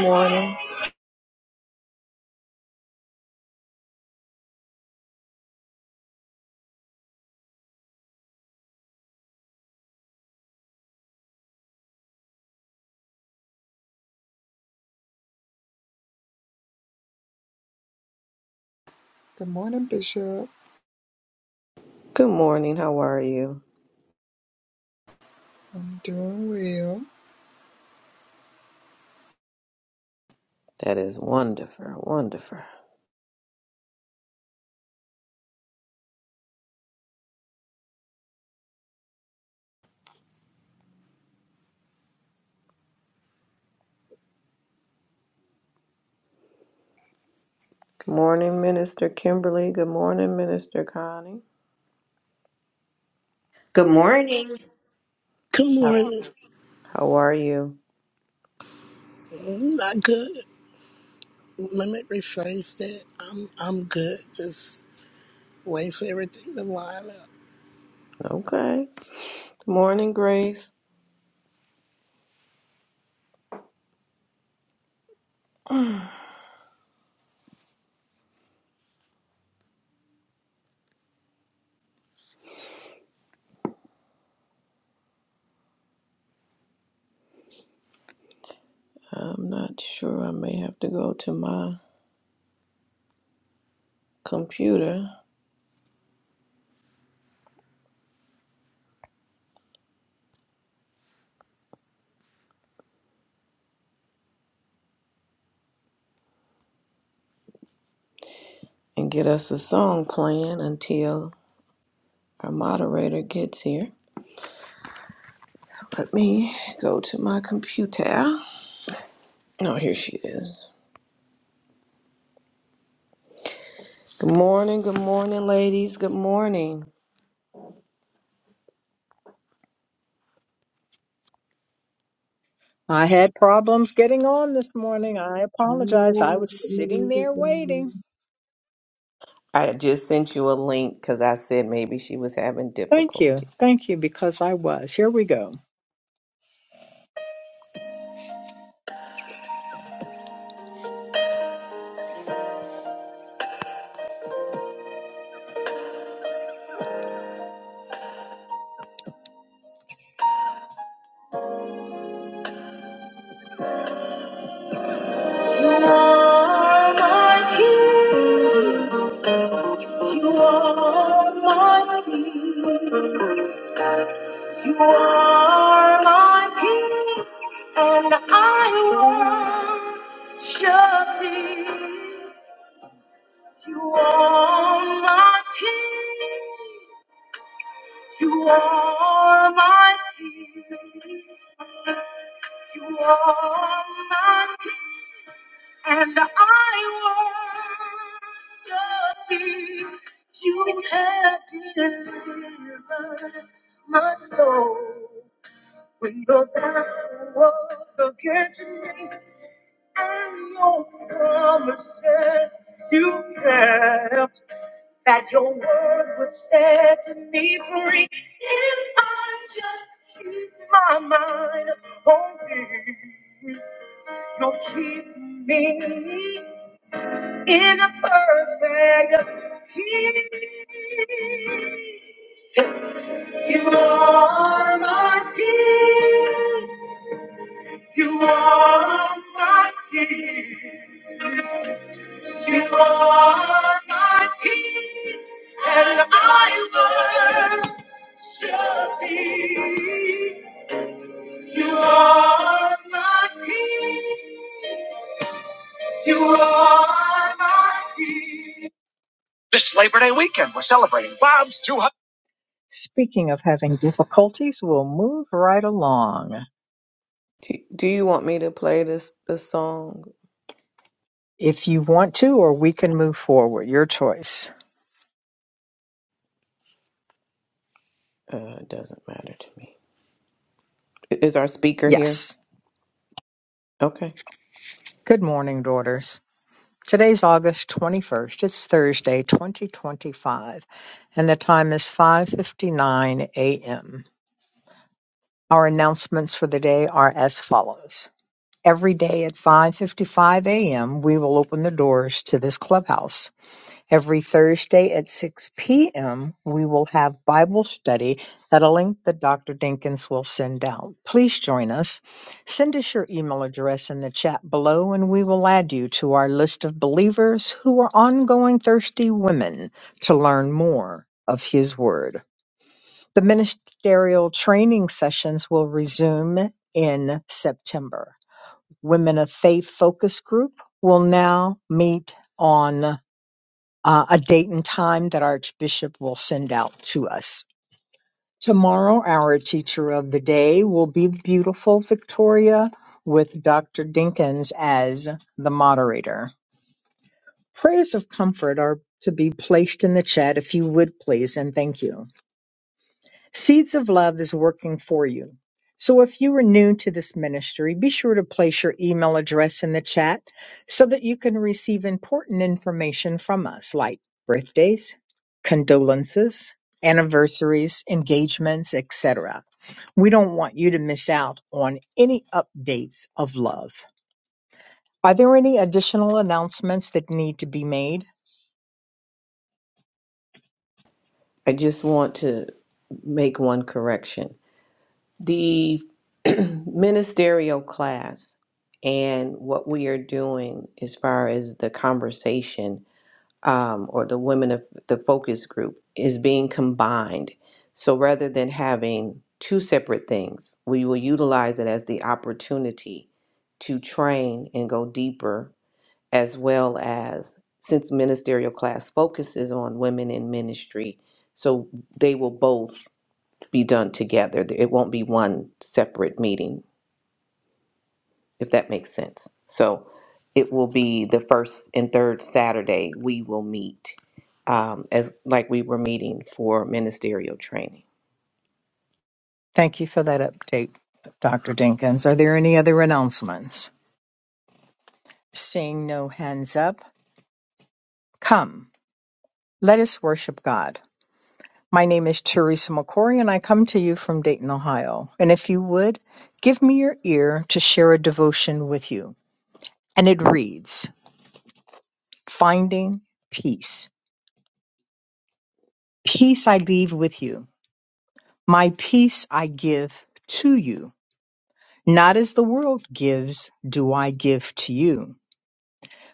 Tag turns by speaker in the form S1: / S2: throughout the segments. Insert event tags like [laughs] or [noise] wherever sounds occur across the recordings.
S1: Morning.
S2: Good morning, Bishop.
S1: Good morning. How are you?
S2: I'm doing well.
S1: That is wonderful. Wonderful. Good morning, Minister Kimberly. Good morning, Minister Connie.
S3: Good morning.
S4: Good
S1: How,
S4: morning.
S1: how are you?
S4: Mm, Not good. Let me rephrase that. I'm I'm good. Just wait for everything to line up.
S1: Okay. Good morning, Grace. [clears throat] I'm not sure. I may have to go to my computer and get us a song playing until our moderator gets here. Let me go to my computer. No, here she is. Good morning, good morning, ladies. Good morning.
S5: I had problems getting on this morning. I apologize. I
S6: Amen.
S5: was sitting there waiting.
S1: I had just sent you a link because I said maybe she was having
S5: Thank you.
S1: difficulties.
S5: Thank you, because I was. Here we go. You are my peace. You are my peace. You are my peace, and I worship thee. You are my peace. You are my peace. You are my peace. And I worship you. You have delivered my soul. When the battle was against me and your promises you kept that your word would set me free if I just keep my mind on thee. You'll keep me in a perfect peace. You are my peace. You are my peace. You are my peace. And I worship thee. You are my king. You are my king. This Labor Day weekend, we're celebrating Bob's 200. Speaking of having difficulties, we'll move right along.
S1: Do, do you want me to play this the song?
S5: If you want to, or we can move forward. Your choice.
S1: Uh, it doesn't matter to me. I- Is our speaker here?
S5: Yes.
S1: Okay.
S5: Good morning, daughters. Today's August 21st. It's Thursday, 2025, and the time is 5:59 a.m. Our announcements for the day are as follows. Every day at 5:55 a.m., we will open the doors to this clubhouse. Every Thursday at 6 p.m., we will have Bible study at a link that Dr. Dinkins will send out. Please join us. Send us your email address in the chat below, and we will add you to our list of believers who are ongoing thirsty women to learn more of His Word. The ministerial training sessions will resume in September. Women of Faith Focus Group will now meet on uh, a date and time that our Archbishop will send out to us. Tomorrow, our teacher of the day will be beautiful Victoria with Dr. Dinkins as the moderator. Prayers of comfort are to be placed in the chat if you would please, and thank you. Seeds of Love is working for you. So if you are new to this ministry, be sure to place your email address in the chat so that you can receive important information from us like birthdays, condolences, anniversaries, engagements, etc. We don't want you to miss out on any updates of love. Are there any additional announcements that need to be made?
S1: I just want to make one correction. The [clears throat] ministerial class and what we are doing as far as the conversation um, or the women of the focus group is being combined. So rather than having two separate things, we will utilize it as the opportunity to train and go deeper, as well as since ministerial class focuses on women in ministry, so they will both be done together. It won't be one separate meeting if that makes sense. So it will be the first and third Saturday we will meet um, as like we were meeting for ministerial training.
S5: Thank you for that update, Dr. Dinkins. Are there any other announcements? Seeing no hands up, come, let us worship God. My name is Teresa McCory, and I come to you from Dayton, Ohio. And if you would, give me your ear to share a devotion with you. And it reads Finding Peace. Peace I leave with you, my peace I give to you. Not as the world gives, do I give to you.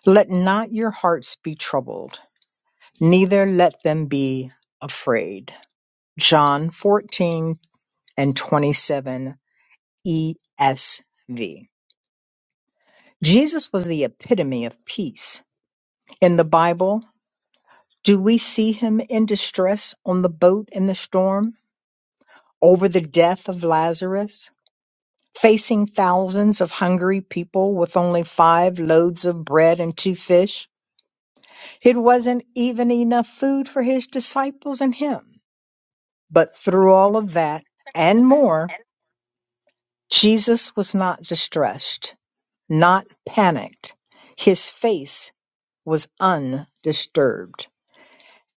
S5: Let not your hearts be troubled, neither let them be afraid. John fourteen. and 27 ESV. Jesus was the epitome of peace. In the Bible, do we see him in distress on the boat in the storm, over the death of Lazarus, facing thousands of hungry people with only five loads of bread and two fish? It wasn't even enough food for his disciples and him. But through all of that
S7: All
S5: and
S7: of that
S5: more,
S7: and.
S5: Jesus was not distressed. Not panicked. His face was undisturbed.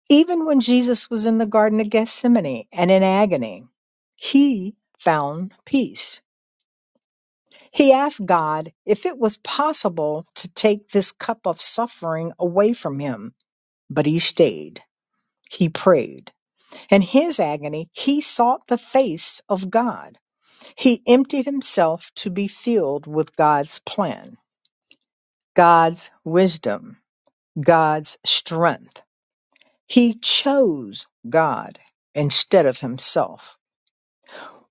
S5: Even when Jesus was in the Garden of Gethsemane and in agony, he found peace. He asked God if it was possible to take this cup of suffering away from him, but he stayed. He prayed. In his agony, he sought the face of God. He emptied himself to be filled with God's plan, God's wisdom God's strength. He chose God instead of himself.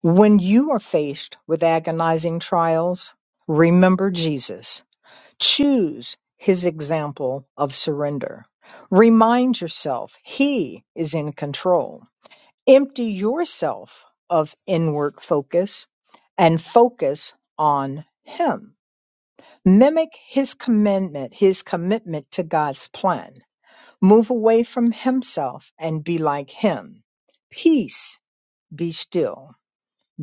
S5: When you are faced with agonizing trials, remember Jesus. Choose his example of surrender. Remind yourself he is in control. Empty yourself of inward focus and focus on him. Mimic his commitment. his commitment to God's plan Move away from himself and be like him. Peace, be still.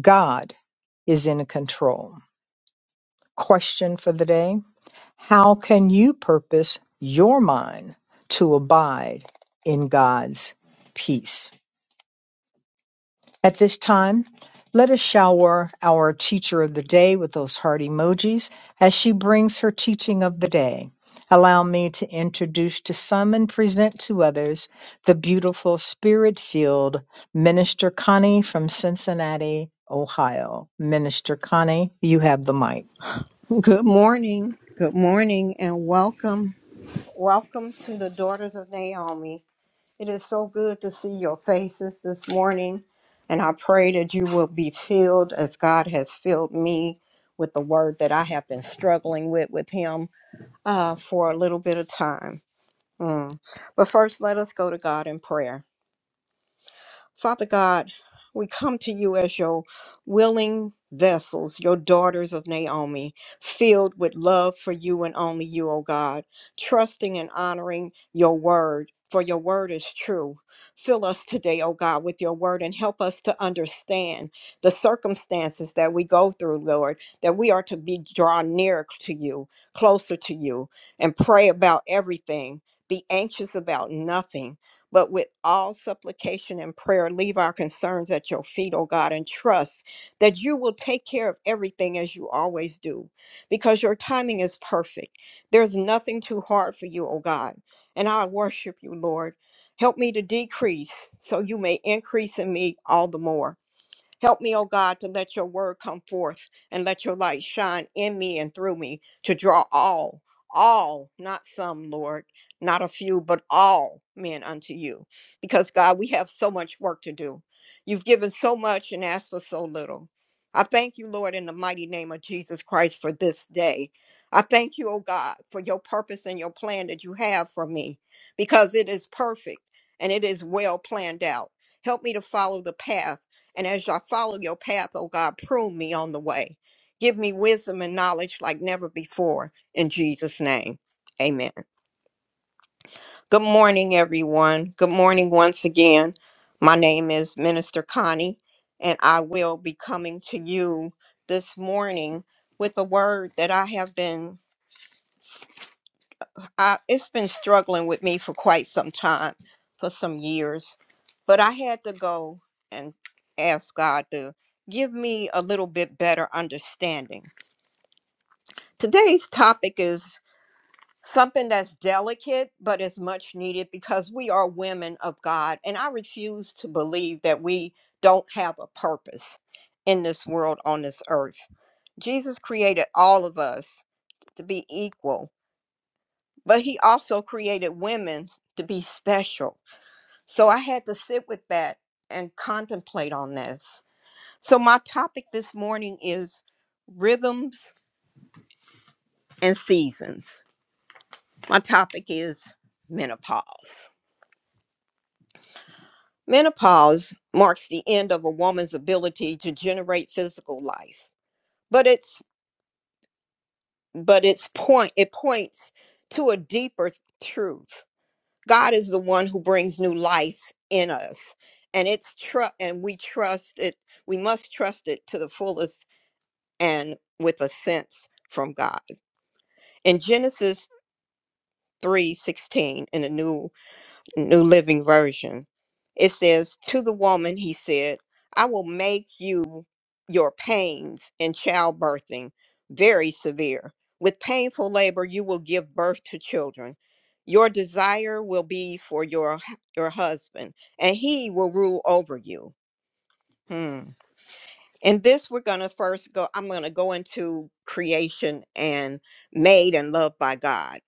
S5: God is in control. Question for the day How can you purpose your mind to abide in God's peace? At this time, let us shower our teacher of the day with those heart emojis as she brings her teaching of the day. Allow me to introduce to some and present to others the beautiful spirit filled Minister Connie from Cincinnati, Ohio. Minister Connie, you have the mic.
S3: Good morning. Good morning and welcome. Welcome to the Daughters of Naomi. It is so good to see your faces this morning. And I pray that you will be filled as God has filled me with the word that I have been struggling with with Him uh, for a little bit of time. Mm. But first, let us go to God in prayer. Father God, we come to you as your willing vessels, your daughters of Naomi, filled with love for you and only you, O God, trusting and honoring your word. For your word is true. Fill us today, O God, with your word and help us to understand the circumstances that we go through, Lord, that we are to be drawn near to you, closer to you, and pray about everything. Be anxious about nothing but with all supplication and prayer, leave our concerns at your feet, O God, and trust that you will take care of everything as you always do, because your timing is perfect. There's nothing too hard for you, O God. And I worship you, Lord. Help me to decrease so you may increase in me all the more. Help me, O God, to let your word come forth and let your light shine in me and through me to draw all, all, not some, Lord, not a few, but all men unto you. Because, God, we have so much work to do. You've given so much and asked for so little. I thank you, Lord, in the mighty name of Jesus Christ for this day. I thank you, O God, for your purpose and your plan that you have for me because it is perfect and it is well planned out. Help me to follow the path and as I follow your path, oh God, prune me on the way. Give me wisdom and knowledge like never before. In Jesus' name, amen. Good morning, everyone. Good morning once again. My name is Minister Connie, and I will be coming to you this morning with a word that I have been I, it's been struggling with me for quite some time, for some years. But I had to go and ask God to give me a little bit better understanding. Today's topic is something that's delicate, but is much needed because we are women of God. And I refuse to believe that we don't have a purpose in this world on this earth. Jesus created all of us to be equal but he also created women to be special. So I had to sit with that and contemplate on this. So my topic this morning is rhythms and seasons. My topic is menopause. Menopause marks the end of a woman's ability to generate physical life, but it's but its point it points to a deeper truth. God is the one who brings new life in us. And it's trust, and we trust it, we must trust it to the fullest and with a sense from God. In Genesis 3:16 in the new New Living Version. It says, To the woman, he said, I will make you your pains in childbirthing very severe. With painful labor, you will give birth to children. Your desire will be for your, hu- your husband, and he will rule over you. Hmm. And this, we're going to first go, I'm going to go into creation and made and loved by God.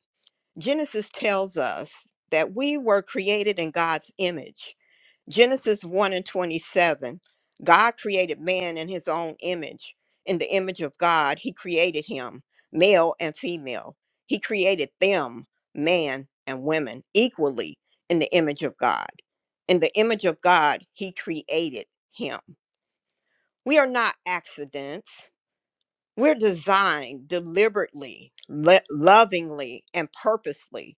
S3: Genesis tells us that we were created in God's image Genesis 1 and 27, God created man in his own image. In the image of God, he created him, male and female. He created them, man and women, equally in the image of God. In the image of God, he created him. We are not accidents. We're designed deliberately, lo- lovingly, and purposely.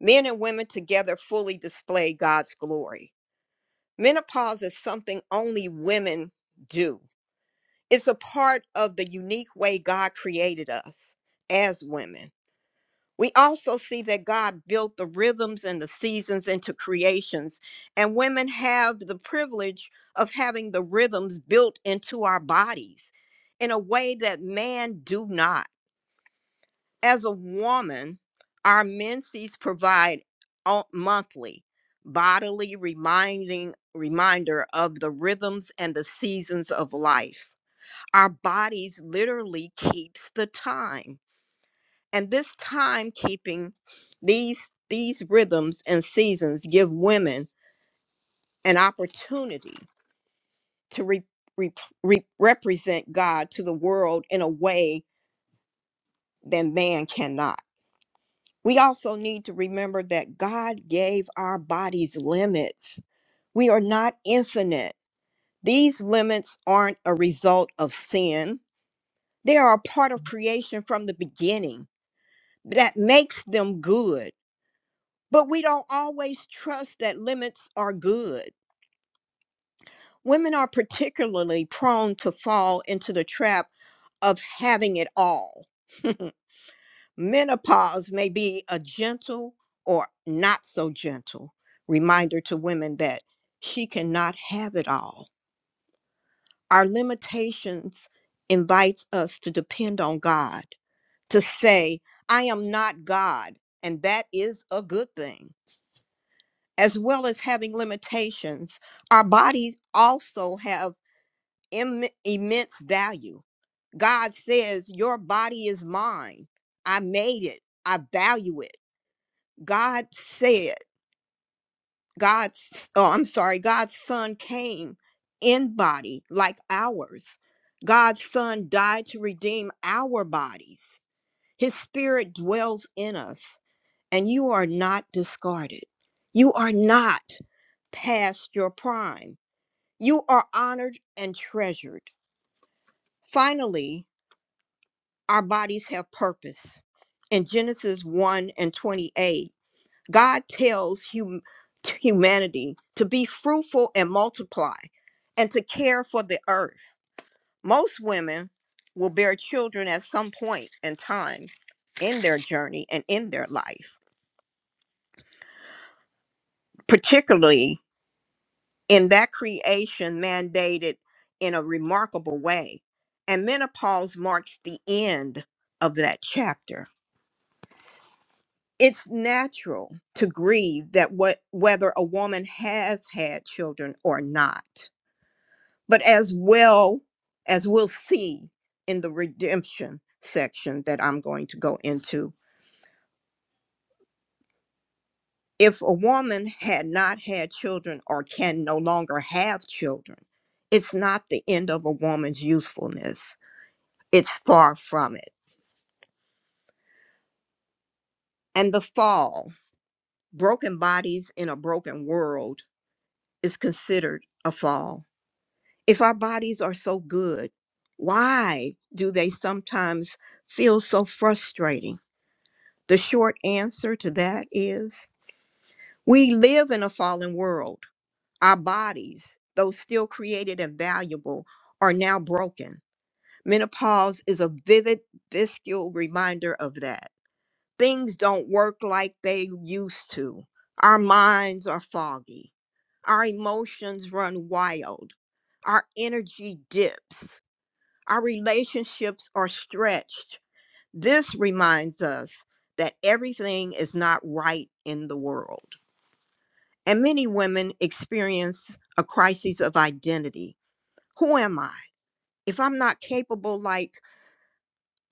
S3: Men and women together fully display God's glory. Menopause is something only women do. It's a part of the unique way God created us as women. We also see that God built the rhythms and the seasons into creations, and women have the privilege of having the rhythms built into our bodies in a way that man do not as a woman, our menses provide o- monthly bodily reminding reminder of the rhythms and the seasons of life. Our bodies literally keeps the time. And this time keeping these these rhythms and seasons give women an opportunity to re, re, re- represent God to the world in a way that man cannot. We also need to remember that God gave our bodies limits. We are not infinite. These limits aren't a result of sin, they are a part of creation from the beginning that makes them good. But we don't always trust that limits are good. Women are particularly prone to fall into the trap of having it all. [laughs] Menopause may be a gentle or not so gentle reminder to women that she cannot have it all. Our limitations invites us to depend on God, to say, I am not God, and that is a good thing. As well as having limitations, our bodies also have Im- immense value. God says, Your body is mine. I made it. I value it. God said. God's, oh, I'm sorry, God's son came in body like ours. God's son died to redeem our bodies. His spirit dwells in us, and you are not discarded. You are not past your prime. You are honored and treasured. Finally, our bodies have purpose. In Genesis 1 and 28, God tells hum- t- humanity to be fruitful and multiply and to care for the earth. Most women will bear children at some point in time in their journey and in their life, particularly in that creation mandated in a remarkable way. And menopause marks the end of that chapter. It's natural to grieve that what, whether a woman has had children or not but as well as we'll see in the redemption section that I'm going to go into. If a woman had not had children or can no longer have children, it's not the end of a woman's usefulness. It's far from it. And the fall, broken bodies in a broken world, is considered a fall. If our bodies are so good, why do they sometimes feel so frustrating? The short answer to that is we live in a fallen world. Our bodies, though still created and valuable, are now broken. Menopause is a vivid, visceral reminder of that. Things don't work like they used to. Our minds are foggy. Our emotions run wild. Our energy dips. Our relationships are stretched this reminds us that everything is not right in the world. And many women experience a crisis of identity. Who am I? If I'm not capable like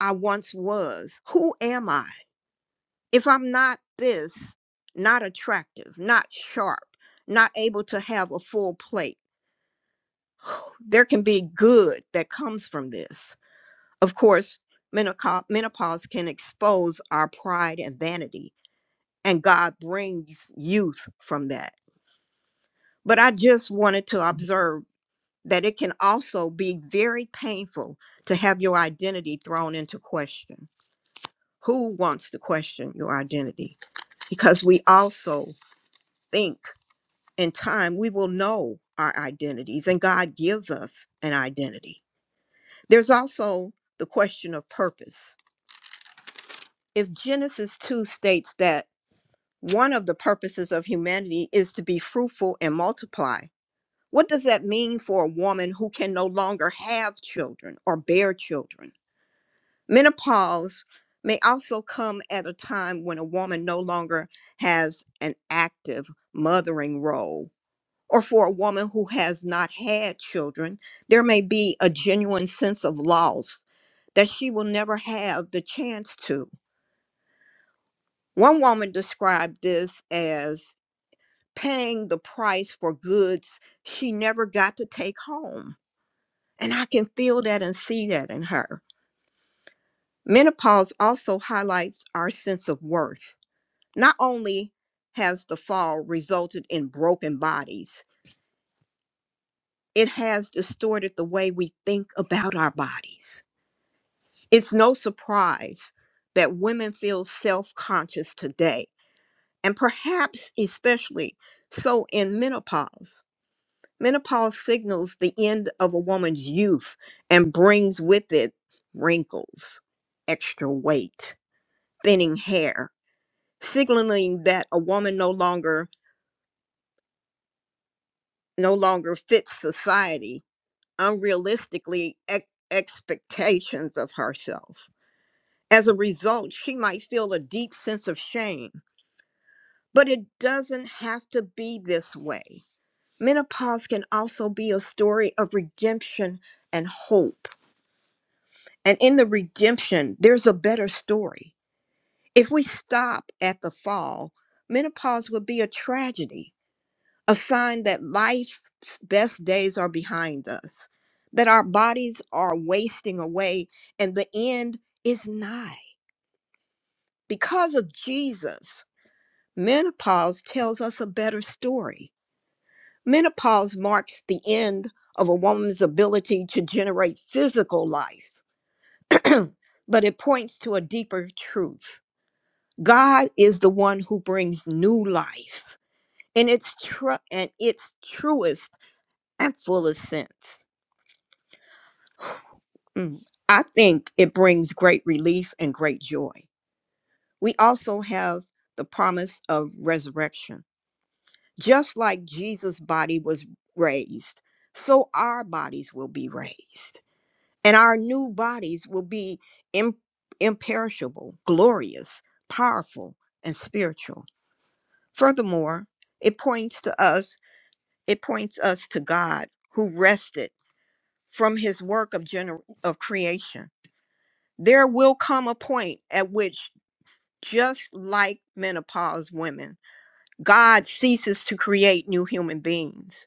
S3: I once was, who am I? If I'm not this, not attractive, not sharp, not able to have a full plate, there can be good that comes from this. Of course, menopau- menopause can expose our pride and vanity and God brings youth from that. But I just wanted to observe that it can also be very painful to have your identity thrown into question. Who wants to question your identity? Because we also think in time we will know our identities and God gives us an identity. There's also the question of purpose. If Genesis 2 states that one of the purposes of humanity is to be fruitful and multiply, What does that mean for a woman who can no longer have children or bear children? Menopause may also come at a time when a woman no longer has an active mothering role. Or for a woman who has not had children, there may be a genuine sense of loss that she will never have the chance to. One woman described this as paying the price for goods she never got to take home. And I can feel that and see that in her. Menopause also highlights our sense of worth. Not only has the fall resulted in broken bodies, it has distorted the way we think about our bodies. It's no surprise that women feel self conscious today, and perhaps especially so in menopause. Menopause signals the end of a woman's youth and brings with it wrinkles, extra weight thinning hair, signaling that a woman no longer no longer fits society, unrealistically ex- expectations of herself. As a result, she might feel a deep sense of shame, but it doesn't have to be this way. Menopause can also be a story of redemption and hope. And in the redemption, there's a better story. If we stop at the fall, menopause would be a tragedy a sign that life's best days are behind us, that our bodies are wasting away and the end is nigh. Because of Jesus, menopause tells us a better story. Menopause marks the end of a woman's ability to generate physical life, [clears throat] but it points to a deeper truth. God is the one who brings new life in its, tru- and its truest and fullest sense. Mm. I think it brings great relief and great joy. We also have the promise of resurrection. Just like Jesus' body was raised, so our bodies will be raised, and our new bodies will be im- imperishable, glorious, powerful, and spiritual. Furthermore, it points to us, it points us to God who rested from his work of gener- of creation There will come a point at which, just like menopause women, God ceases to create new human beings.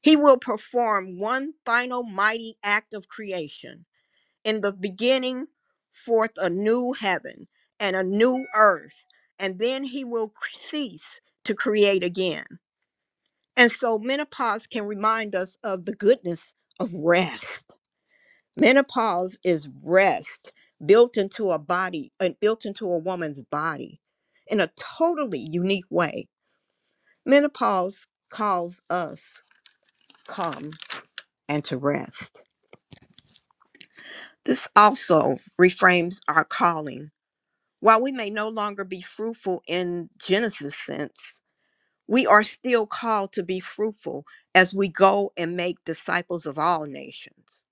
S3: He will perform one final mighty act of creation. In the beginning, forth a new heaven and a new earth, and then he will cease to create again. And so menopause can remind us of the goodness of rest Menopause is rest built into a body and built into a woman's body in a totally unique way. Menopause calls us calm and to rest. This also reframes our calling. While we may no longer be fruitful in Genesis sense, we are still called to be fruitful as we go and make disciples of all nations.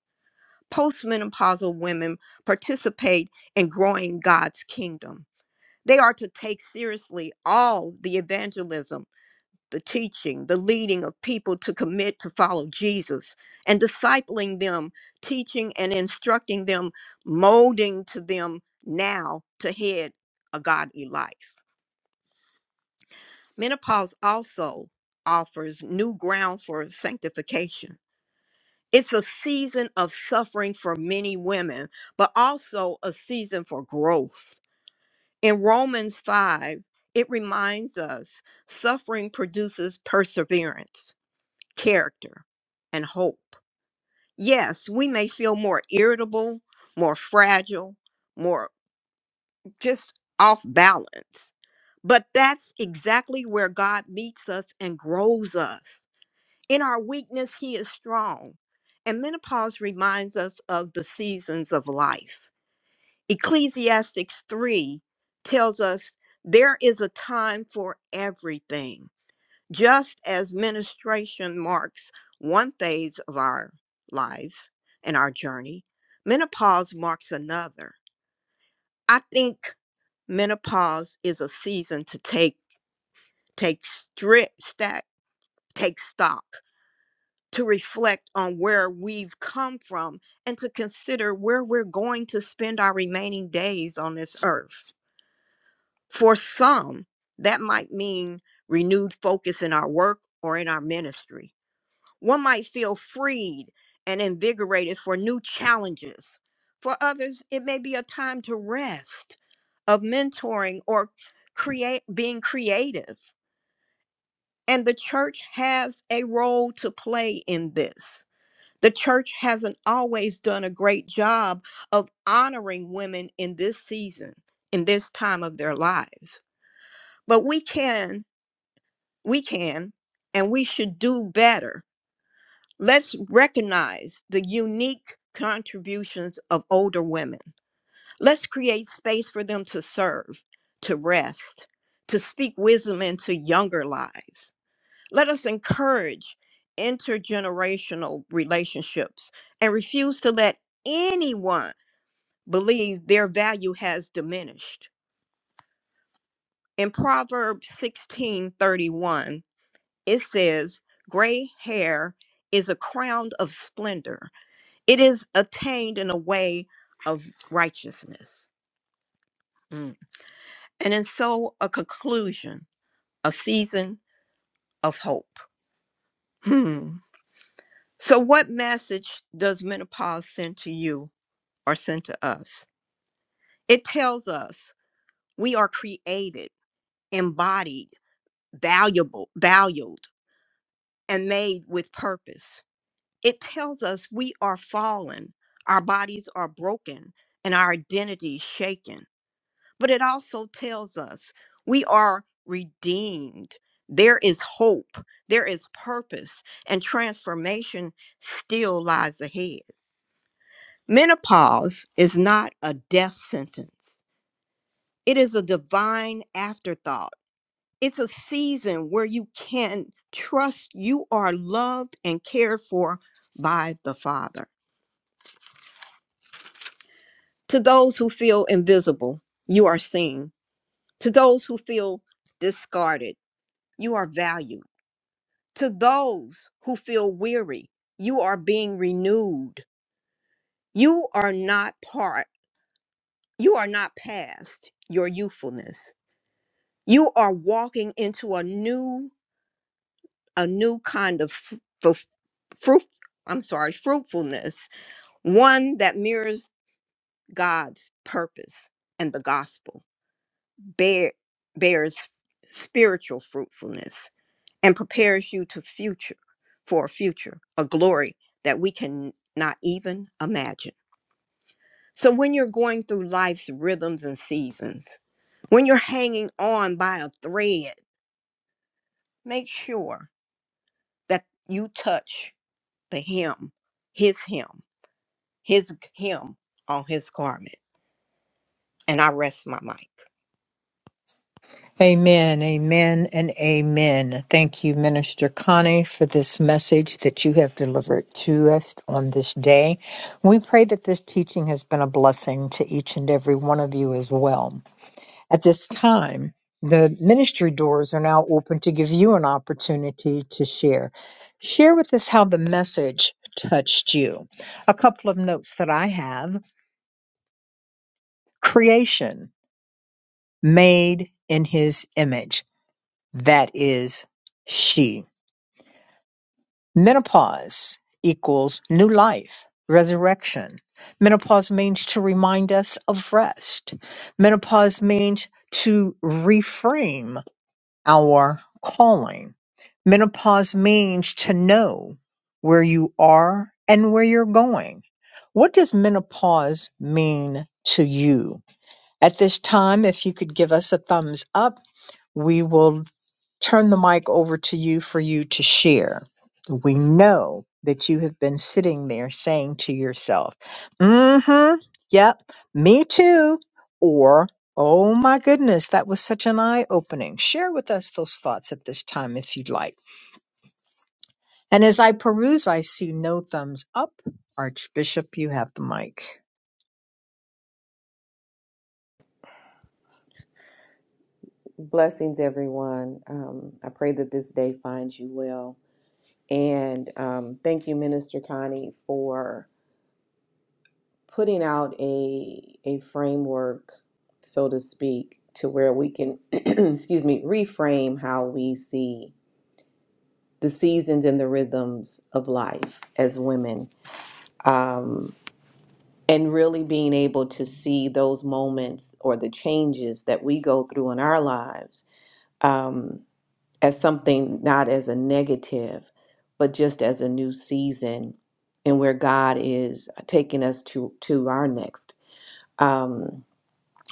S3: Postmenopausal women participate in growing God's kingdom They are to take seriously all the evangelism, the teaching, the leading of people to commit to follow Jesus and discipling them, teaching and instructing them, molding to them now to head a godly life. Menopause also offers new ground for sanctification. It's a season of suffering for many women, but also a season for growth In Romans 5, it reminds us suffering produces perseverance, character, and hope. Yes, we may feel more irritable, more fragile, more just off balance, but that's exactly where God meets us and grows us. In our weakness, He is strong. And menopause reminds us of the seasons of life. Ecclesiastics 3 tells us there is a time for everything, just as menstruation marks one phase of our lives and our journey, menopause marks another. I think menopause is a season to take take strict stack take stock to reflect on where we've come from and to consider where we're going to spend our remaining days on this earth. For some, that might mean renewed focus in our work or in our ministry. One might feel freed and invigorated for new challenges. For others, it may be a time to rest, of mentoring or create being creative. And the church has a role to play in this. The church hasn't always done a great job of honoring women in this season, in this time of their lives. But we can we can and we should do better. Let's recognize the unique contributions of older women. Let's create space for them to serve, to rest, to speak wisdom into younger lives. Let us encourage intergenerational relationships and refuse to let anyone believe their value has diminished. In Proverbs 16:31 it says, Gray hair is a crown of splendor, it is attained in a way of righteousness. Mm. And then, so a conclusion, a season of hope. Hmm. So, what message does menopause send to you or send to us? It tells us we are created, embodied, valuable, valued, and made with purpose It tells us we are fallen, our bodies are broken, and our identity is shaken. But it also tells us we are redeemed. There is hope, there is purpose, and transformation still lies ahead. Menopause is not a death sentence, it is a divine afterthought. It's a season where you can trust you are loved and cared for by the Father. To those who feel invisible, you are seen. To those who feel discarded, you are valued. To those who feel weary, you are being renewed. You are not part, you are not past your youthfulness. You are walking into a new, a new kind of f- f- fruit, I'm sorry, fruitfulness, one that mirrors God's purpose and the gospel. bear, bears spiritual fruitfulness and prepares you to future for a future, a glory that we can not even imagine. So when you're going through life's rhythms and seasons, when you're hanging on by a thread, make sure that you touch the hem, his hem, his hem on his garment. And I rest my mic.
S5: Amen, amen, and amen. Thank you, Minister Connie, for this message that you have delivered to us on this day. We pray that this teaching has been a blessing to each and every one of you as well. At this time, the ministry doors are now open to give you an opportunity to share. Share with us how the message touched you. A couple of notes that I have creation made in his image. That is she. Menopause equals new life, resurrection. Menopause means to remind us of rest. Menopause means to reframe our calling. Menopause means to know where you are and where you're going. What does menopause mean to you? At this time, if you could give us a thumbs up, we will turn the mic over to you for you to share. We know that you have been sitting there saying to yourself, mm hmm, yep, me too, or oh my goodness, that was such an eye opening. Share with us those thoughts at this time if you'd like. And as I peruse, I see no thumbs up. Archbishop, you have the mic.
S1: Blessings, everyone. Um, I pray that this day finds you well. And um, thank you, Minister Connie, for. putting out a a framework, so to speak, to where we can, [clears throat] excuse me, reframe how we see the seasons and the rhythms of life as women, um, and really being able to see those moments or the changes that we go through in our lives um, as something not as a negative, but just as a new season, and where God is taking us to to our next. Um,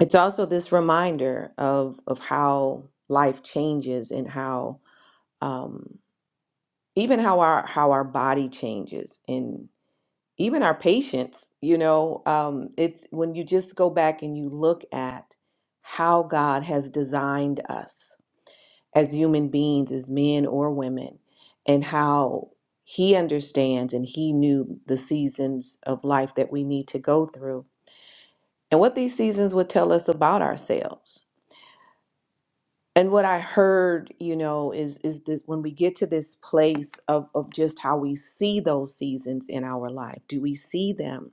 S1: it's also this reminder of of how life changes and how um even how our how our body changes and even our patience you know um it's when you just go back and you look at how god has designed us as human beings as men or women and how he understands and he knew the seasons of life that we need to go through and what these seasons would tell us about ourselves and what i heard you know is is this when we get to this place of of just how we see those seasons in our life do we see them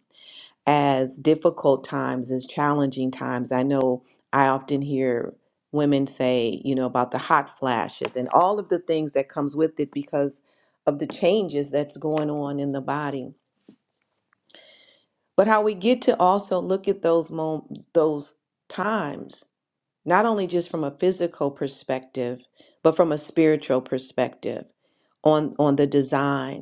S1: as difficult times as challenging times i know i often hear women say you know about the hot flashes and all of the things that comes with it because of the changes that's going on in the body but how we get to also look at those mom- those times not only just from a physical perspective, but from a spiritual perspective on on the design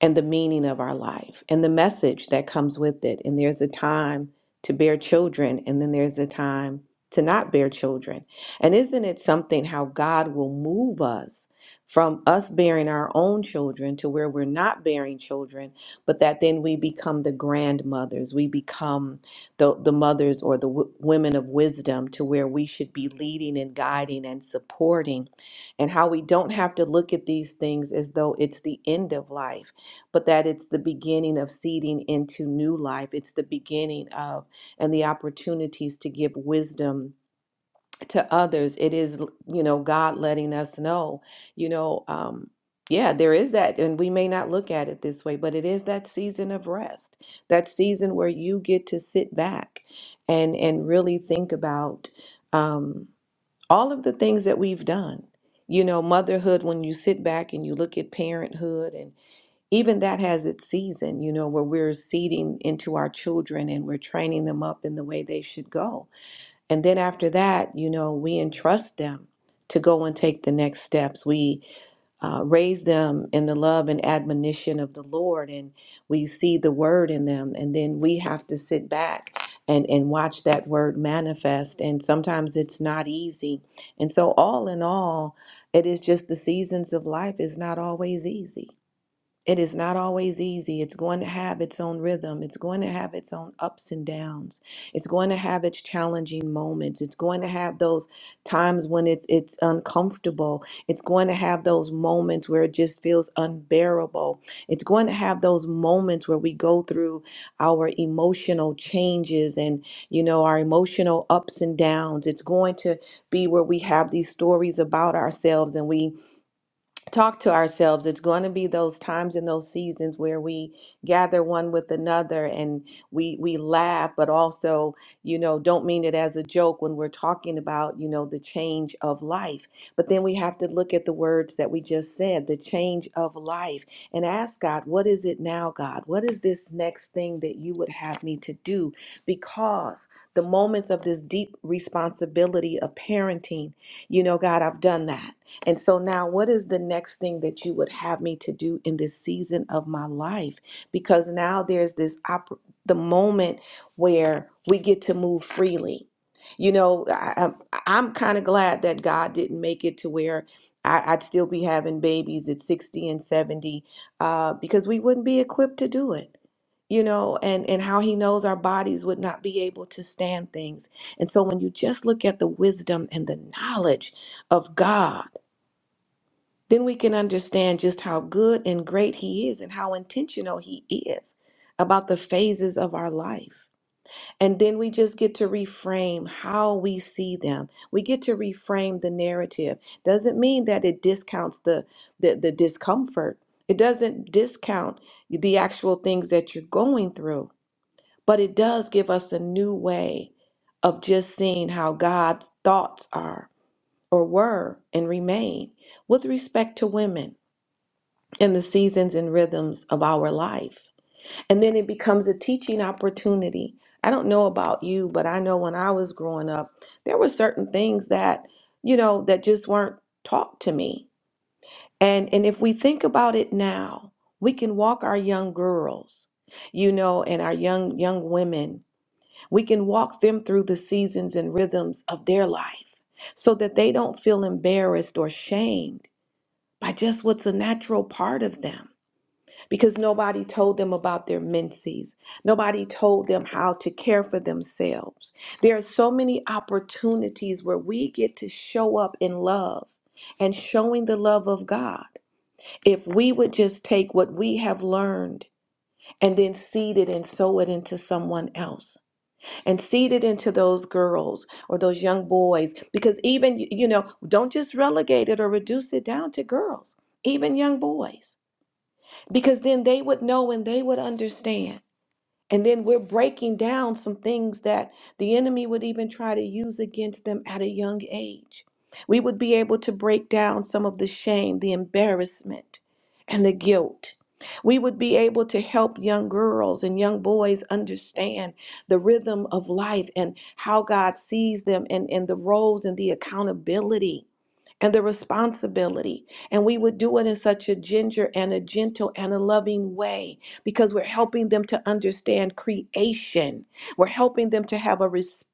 S1: and the meaning of our life and the message that comes with it. And there's a time to bear children, and then there's a time to not bear children. And isn't it something how God will move us from us bearing our own children to where we're not bearing children, but that then we become the grandmothers, we become the, the mothers or the w- women of wisdom to where we should be leading and guiding and supporting, and how we don't have to look at these things as though it's the end of life but that it's the beginning of seeding into new life. It's the beginning of and the opportunities to give wisdom to others. It is, you know, God letting us know, you know, um, yeah, there is that, and we may not look at it this way, but it is that season of rest, that season where you get to sit back and and really think about um, all of the things that we've done. You know, motherhood. When you sit back and you look at parenthood and even that has its season, you know, where we're seeding into our children and we're training them up in the way they should go. And then after that, you know, we entrust them to go and take the next steps. We uh, raise them in the love and admonition of the Lord, and we see the word in them. And then we have to sit back and, and watch that word manifest. And sometimes it's not easy. And so, all in all, it is just the seasons of life is not always easy it is not always easy. It's going to have its own rhythm. It's going to have its own ups and downs. It's going to have its challenging moments. It's going to have those times when it's it's uncomfortable. It's going to have those moments where it just feels unbearable. It's going to have those moments where we go through our emotional changes and you know our emotional ups and downs. It's going to be where we have these stories about ourselves and we talk to ourselves. It's going to be those times and those seasons where we gather one with another and we we laugh, but also, you know, don't mean it as a joke when we're talking about, you know, the change of life. But then we have to look at the words that we just said, the change of life, and ask God, what is it now, God? What is this next thing that you would have me to do? Because the moments of this deep responsibility of parenting, you know, God, I've done that. And so now, what is the next thing that you would have me to do in this season of my life? Because now there's this op- the moment where we get to move freely. You know, I, I'm, I'm kind of glad that God didn't make it to where I, I'd still be having babies at 60 and 70 uh, because we wouldn't be equipped to do it. You know, and and how he knows our bodies would not be able to stand things. And so when you just look at the wisdom and the knowledge of God, then we can understand just how good and great He is and how intentional He is about the phases of our life. And then we just get to reframe how we see them. We get to reframe the narrative. Doesn't mean that it discounts the, the, the discomfort, it doesn't discount the actual things that you're going through, but it does give us a new way of just seeing how God's thoughts are or were and remain with respect to women and the seasons and rhythms of our life. And then it becomes a teaching opportunity. I don't know about you, but I know when I was growing up, there were certain things that, you know, that just weren't taught to me. And and if we think about it now, we can walk our young girls, you know, and our young young women. We can walk them through the seasons and rhythms of their life so that they don't feel embarrassed or shamed by just what's a natural part of them because nobody told them about their menses. Nobody told them how to care for themselves. There are so many opportunities where we get to show up in love and showing the love of God. If we would just take what we have learned and then seed it and sow it into someone else and seed it into those girls or those young boys, because even, you know, don't just relegate it or reduce it down to girls, even young boys because then they would know and they would understand. And then we're breaking down some things that the enemy would even try to use against them at a young age. We would be able to break down some of the shame, the embarrassment, and the guilt. We would be able to help young girls and young boys understand the rhythm of life and how God sees them and, and the roles and the accountability and the responsibility. And we would do it in such a ginger and a gentle and a loving way because we're helping them to understand creation. We're helping them to have a respect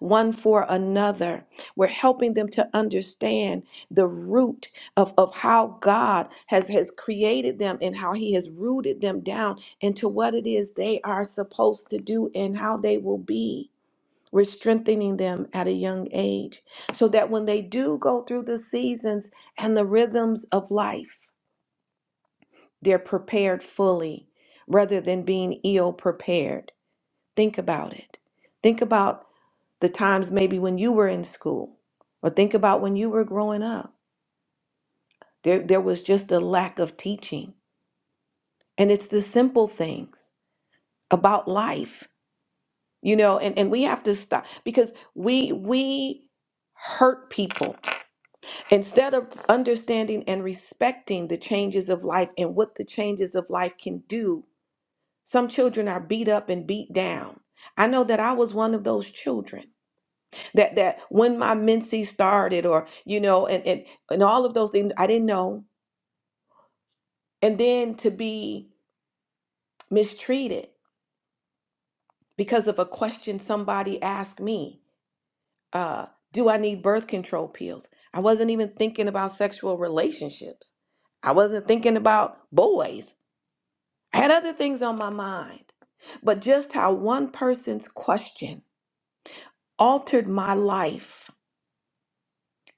S1: one for another. We're helping them to understand the root of, of how God has, has created them and how He has rooted them down into what it is they are supposed to do and how they will be. We're strengthening them at a young age so that when they do go through the seasons and the rhythms of life, they're prepared fully rather than being ill prepared. Think about it. Think about the times maybe when you were in school, or think about when you were growing up. There, there was just a lack of teaching. And it's the simple things about life, you know, and, and we have to stop because we we hurt people instead of understanding and respecting the changes of life and what the changes of life can do Some children are beat up and beat down. I know that I was one of those children that that when my menses started or you know and and, and all of those things I didn't know and then to be mistreated because of a question somebody asked me uh do I need birth control pills I wasn't even thinking about sexual relationships I wasn't thinking about boys I had other things on my mind but just how one person's question altered my life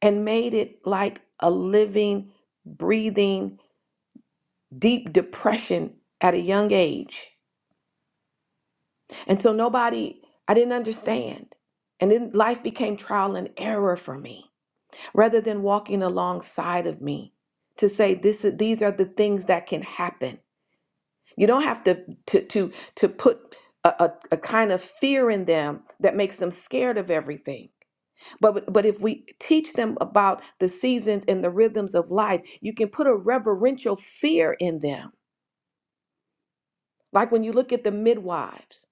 S1: and made it like a living, breathing, deep depression at a young age. And so nobody, I didn't understand. And then life became trial and error for me rather than walking alongside of me to say this is, these are the things that can happen. You don't have to to to to put a, a, a kind of fear in them that makes them scared of everything. But but if we teach them about the seasons and the rhythms of life, you can put a reverential fear in them. Like when you look at the midwives,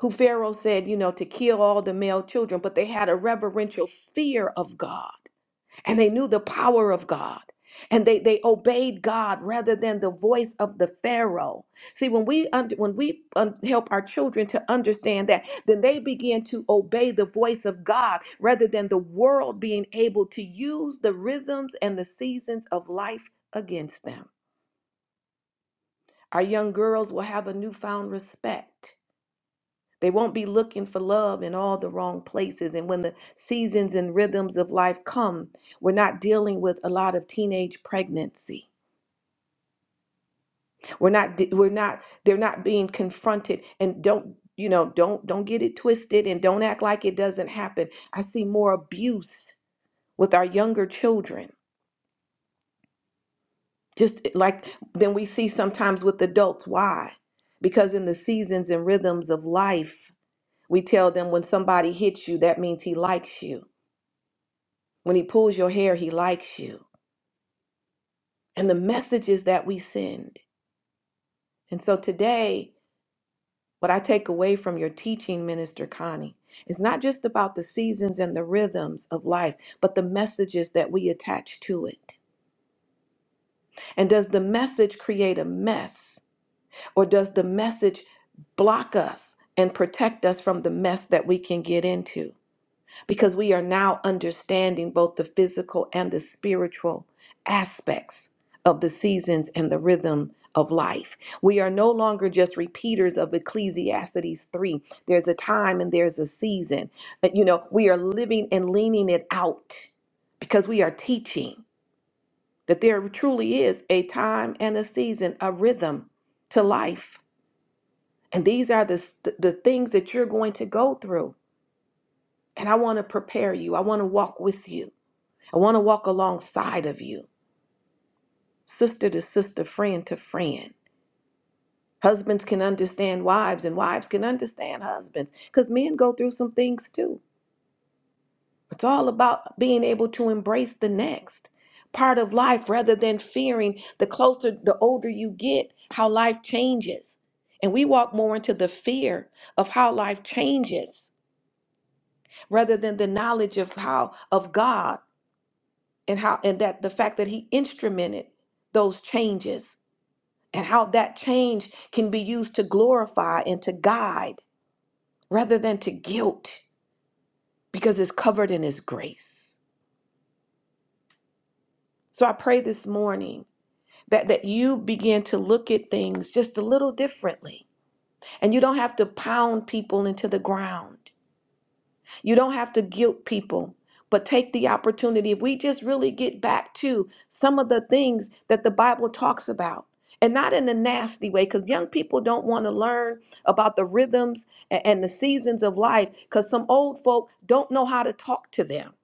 S1: who Pharaoh said, you know, to kill all the male children, but they had a reverential fear of God and they knew the power of God. And they, they obeyed God rather than the voice of the Pharaoh. See, when we under, when we um, help our children to understand that, then they begin to obey the voice of God rather than the world being able to use the rhythms and the seasons of life against them. Our young girls will have a newfound respect they won't be looking for love in all the wrong places. And when the seasons and rhythms of life come, we're not dealing with a lot of teenage pregnancy. We're not, we're not, they're not being confronted and don't, you know, don't, don't get it twisted and don't act like it doesn't happen. I see more abuse with our younger children, just eh, like than we see sometimes with adults. Why? Because in the seasons and rhythms of life, we tell them when somebody hits you, that means he likes you When he pulls your hair, he likes you. And the messages that we send. And so today, what I take away from your teaching, Minister Connie, is not just about the seasons and the rhythms of life, but the messages that we attach to it. And does the message create a mess? Or does the message block us and protect us from the mess that we can get into? because we are now understanding both the physical and the spiritual aspects of the seasons and the rhythm of life. We are no longer just repeaters of Ecclesiastes 3. There's a time and there's a season. But you know, we are living and leaning it out because we are teaching that there truly is a time and a season, a rhythm to life. And these are the the things that you're going to go through. And I want to prepare you. I want to walk with you. I want to walk alongside of you, sister to sister, friend to friend. Husbands can understand wives, and wives can understand husbands because men go through some things too. It's all about being able to embrace the next part of life rather than fearing the closer, the older you get, how life changes. And we walk more into the fear of how life changes rather than the knowledge of how, of God and how, and that the fact that He instrumented those changes and how that change can be used to glorify and to guide rather than to guilt because it's covered in his grace. So I pray this morning that that you begin to look at things just a little differently and you don't have to pound people into the ground. You don't have to guilt people, but take the opportunity. If we just really get back to some of the things that the Bible talks about, and not in a nasty way, because young people don't want to learn about the rhythms a- and the seasons of life, because some old folk don't know how to talk to them.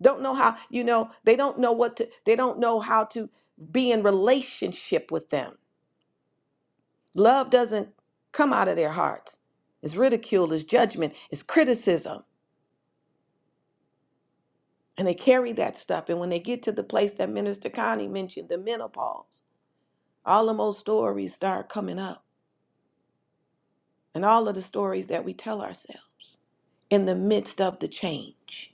S1: Don't know how, you know, they don't know what to, they don't know how to be in relationship with them. Love doesn't come out of their hearts. It's ridicule, it's judgment, it's criticism. and they carry that stuff. And when they get to the place that Minister Connie mentioned, the menopause, all of those stories start coming up, and all of the stories that we tell ourselves in the midst of the change,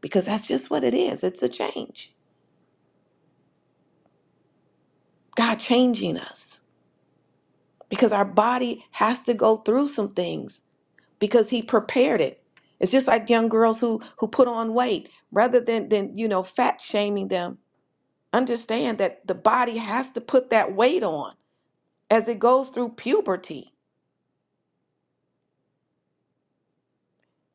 S1: because that's just what it is. It's a change. God changing us because our body has to go through some things because He prepared it. It's just like young girls who who put on weight rather than than you know fat shaming them. Understand that the body has to put that weight on as it goes through puberty.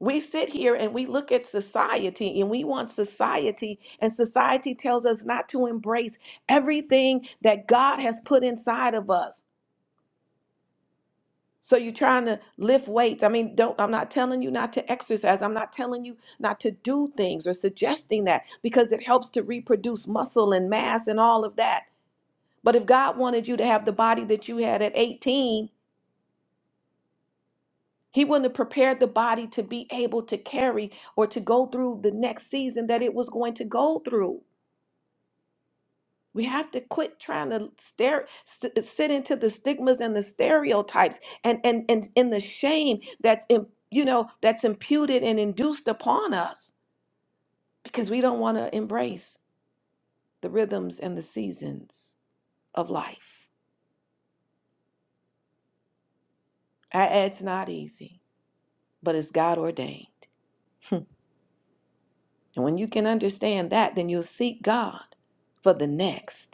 S1: We sit here and we look at society and we want society, and society tells us not to embrace everything that God has put inside of us. So you're trying to lift weights. I mean, don't I'm not telling you not to exercise. I'm not telling you not to do things or suggesting that because it helps to reproduce muscle and mass and all of that. But if God wanted you to have the body that you had at 18, He wouldn't have prepared the body to be able to carry or to go through the next season that it was going to go through. We have to quit trying to stare, st- sit into the stigmas and the stereotypes and and and in the shame that's in, you know that's imputed and induced upon us because we don't want to embrace the rhythms and the seasons of life. I- It's not easy, but it's God ordained. [laughs] And when you can understand that, then you'll seek God for the next.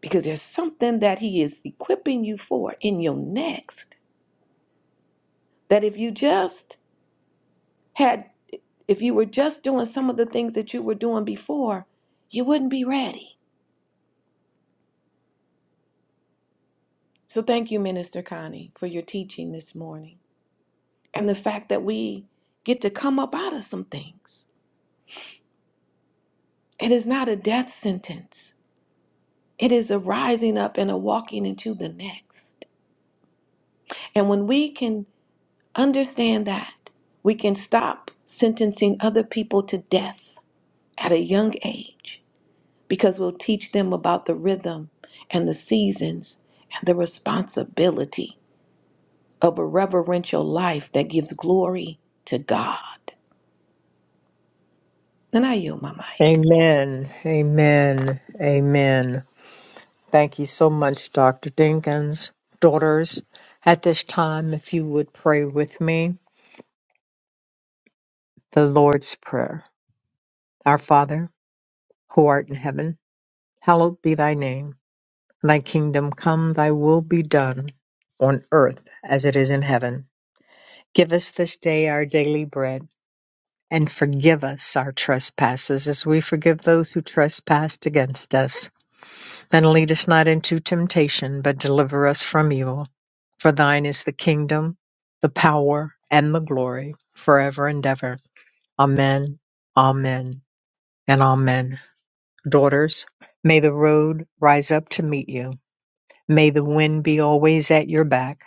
S1: because there's something that he is equipping you for in your next that if you just had if you were just doing some of the things that you were doing before you wouldn't be ready so thank you minister connie for your teaching this morning and the fact that we get to come up out of some things it is not a death sentence it is a rising up and a walking into the next and when we can understand that we can stop sentencing other people to death at a young age because we'll teach them about the rhythm and the seasons and the responsibility of a reverential life that gives glory to God. And I yield my mic.
S5: Amen, amen, amen. Thank you so much, Dr. Dinkins. Daughters, at this time, if you would pray with me, the Lord's Prayer. Our Father, who art in heaven, hallowed be thy name. Thy kingdom come, thy will be done, on earth as it is in heaven. Give us this day our daily bread, and forgive us our trespasses as we forgive those who trespass against us And lead us not into temptation, but deliver us from evil. For thine is the kingdom, the power, and the glory, forever and ever. Amen, amen, and amen. Daughters, may the road rise up to meet you. May the wind be always at your back.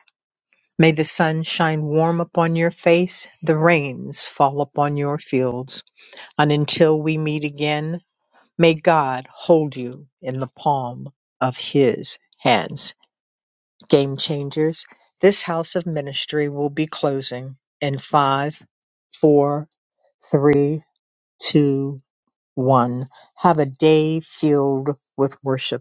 S5: May the sun shine warm upon your face, the rains fall upon your fields. And until we meet again, may God hold you in the palm of his hands. Game changers, this house of ministry will be closing in five, four, three, two, one. Have a day filled with worship.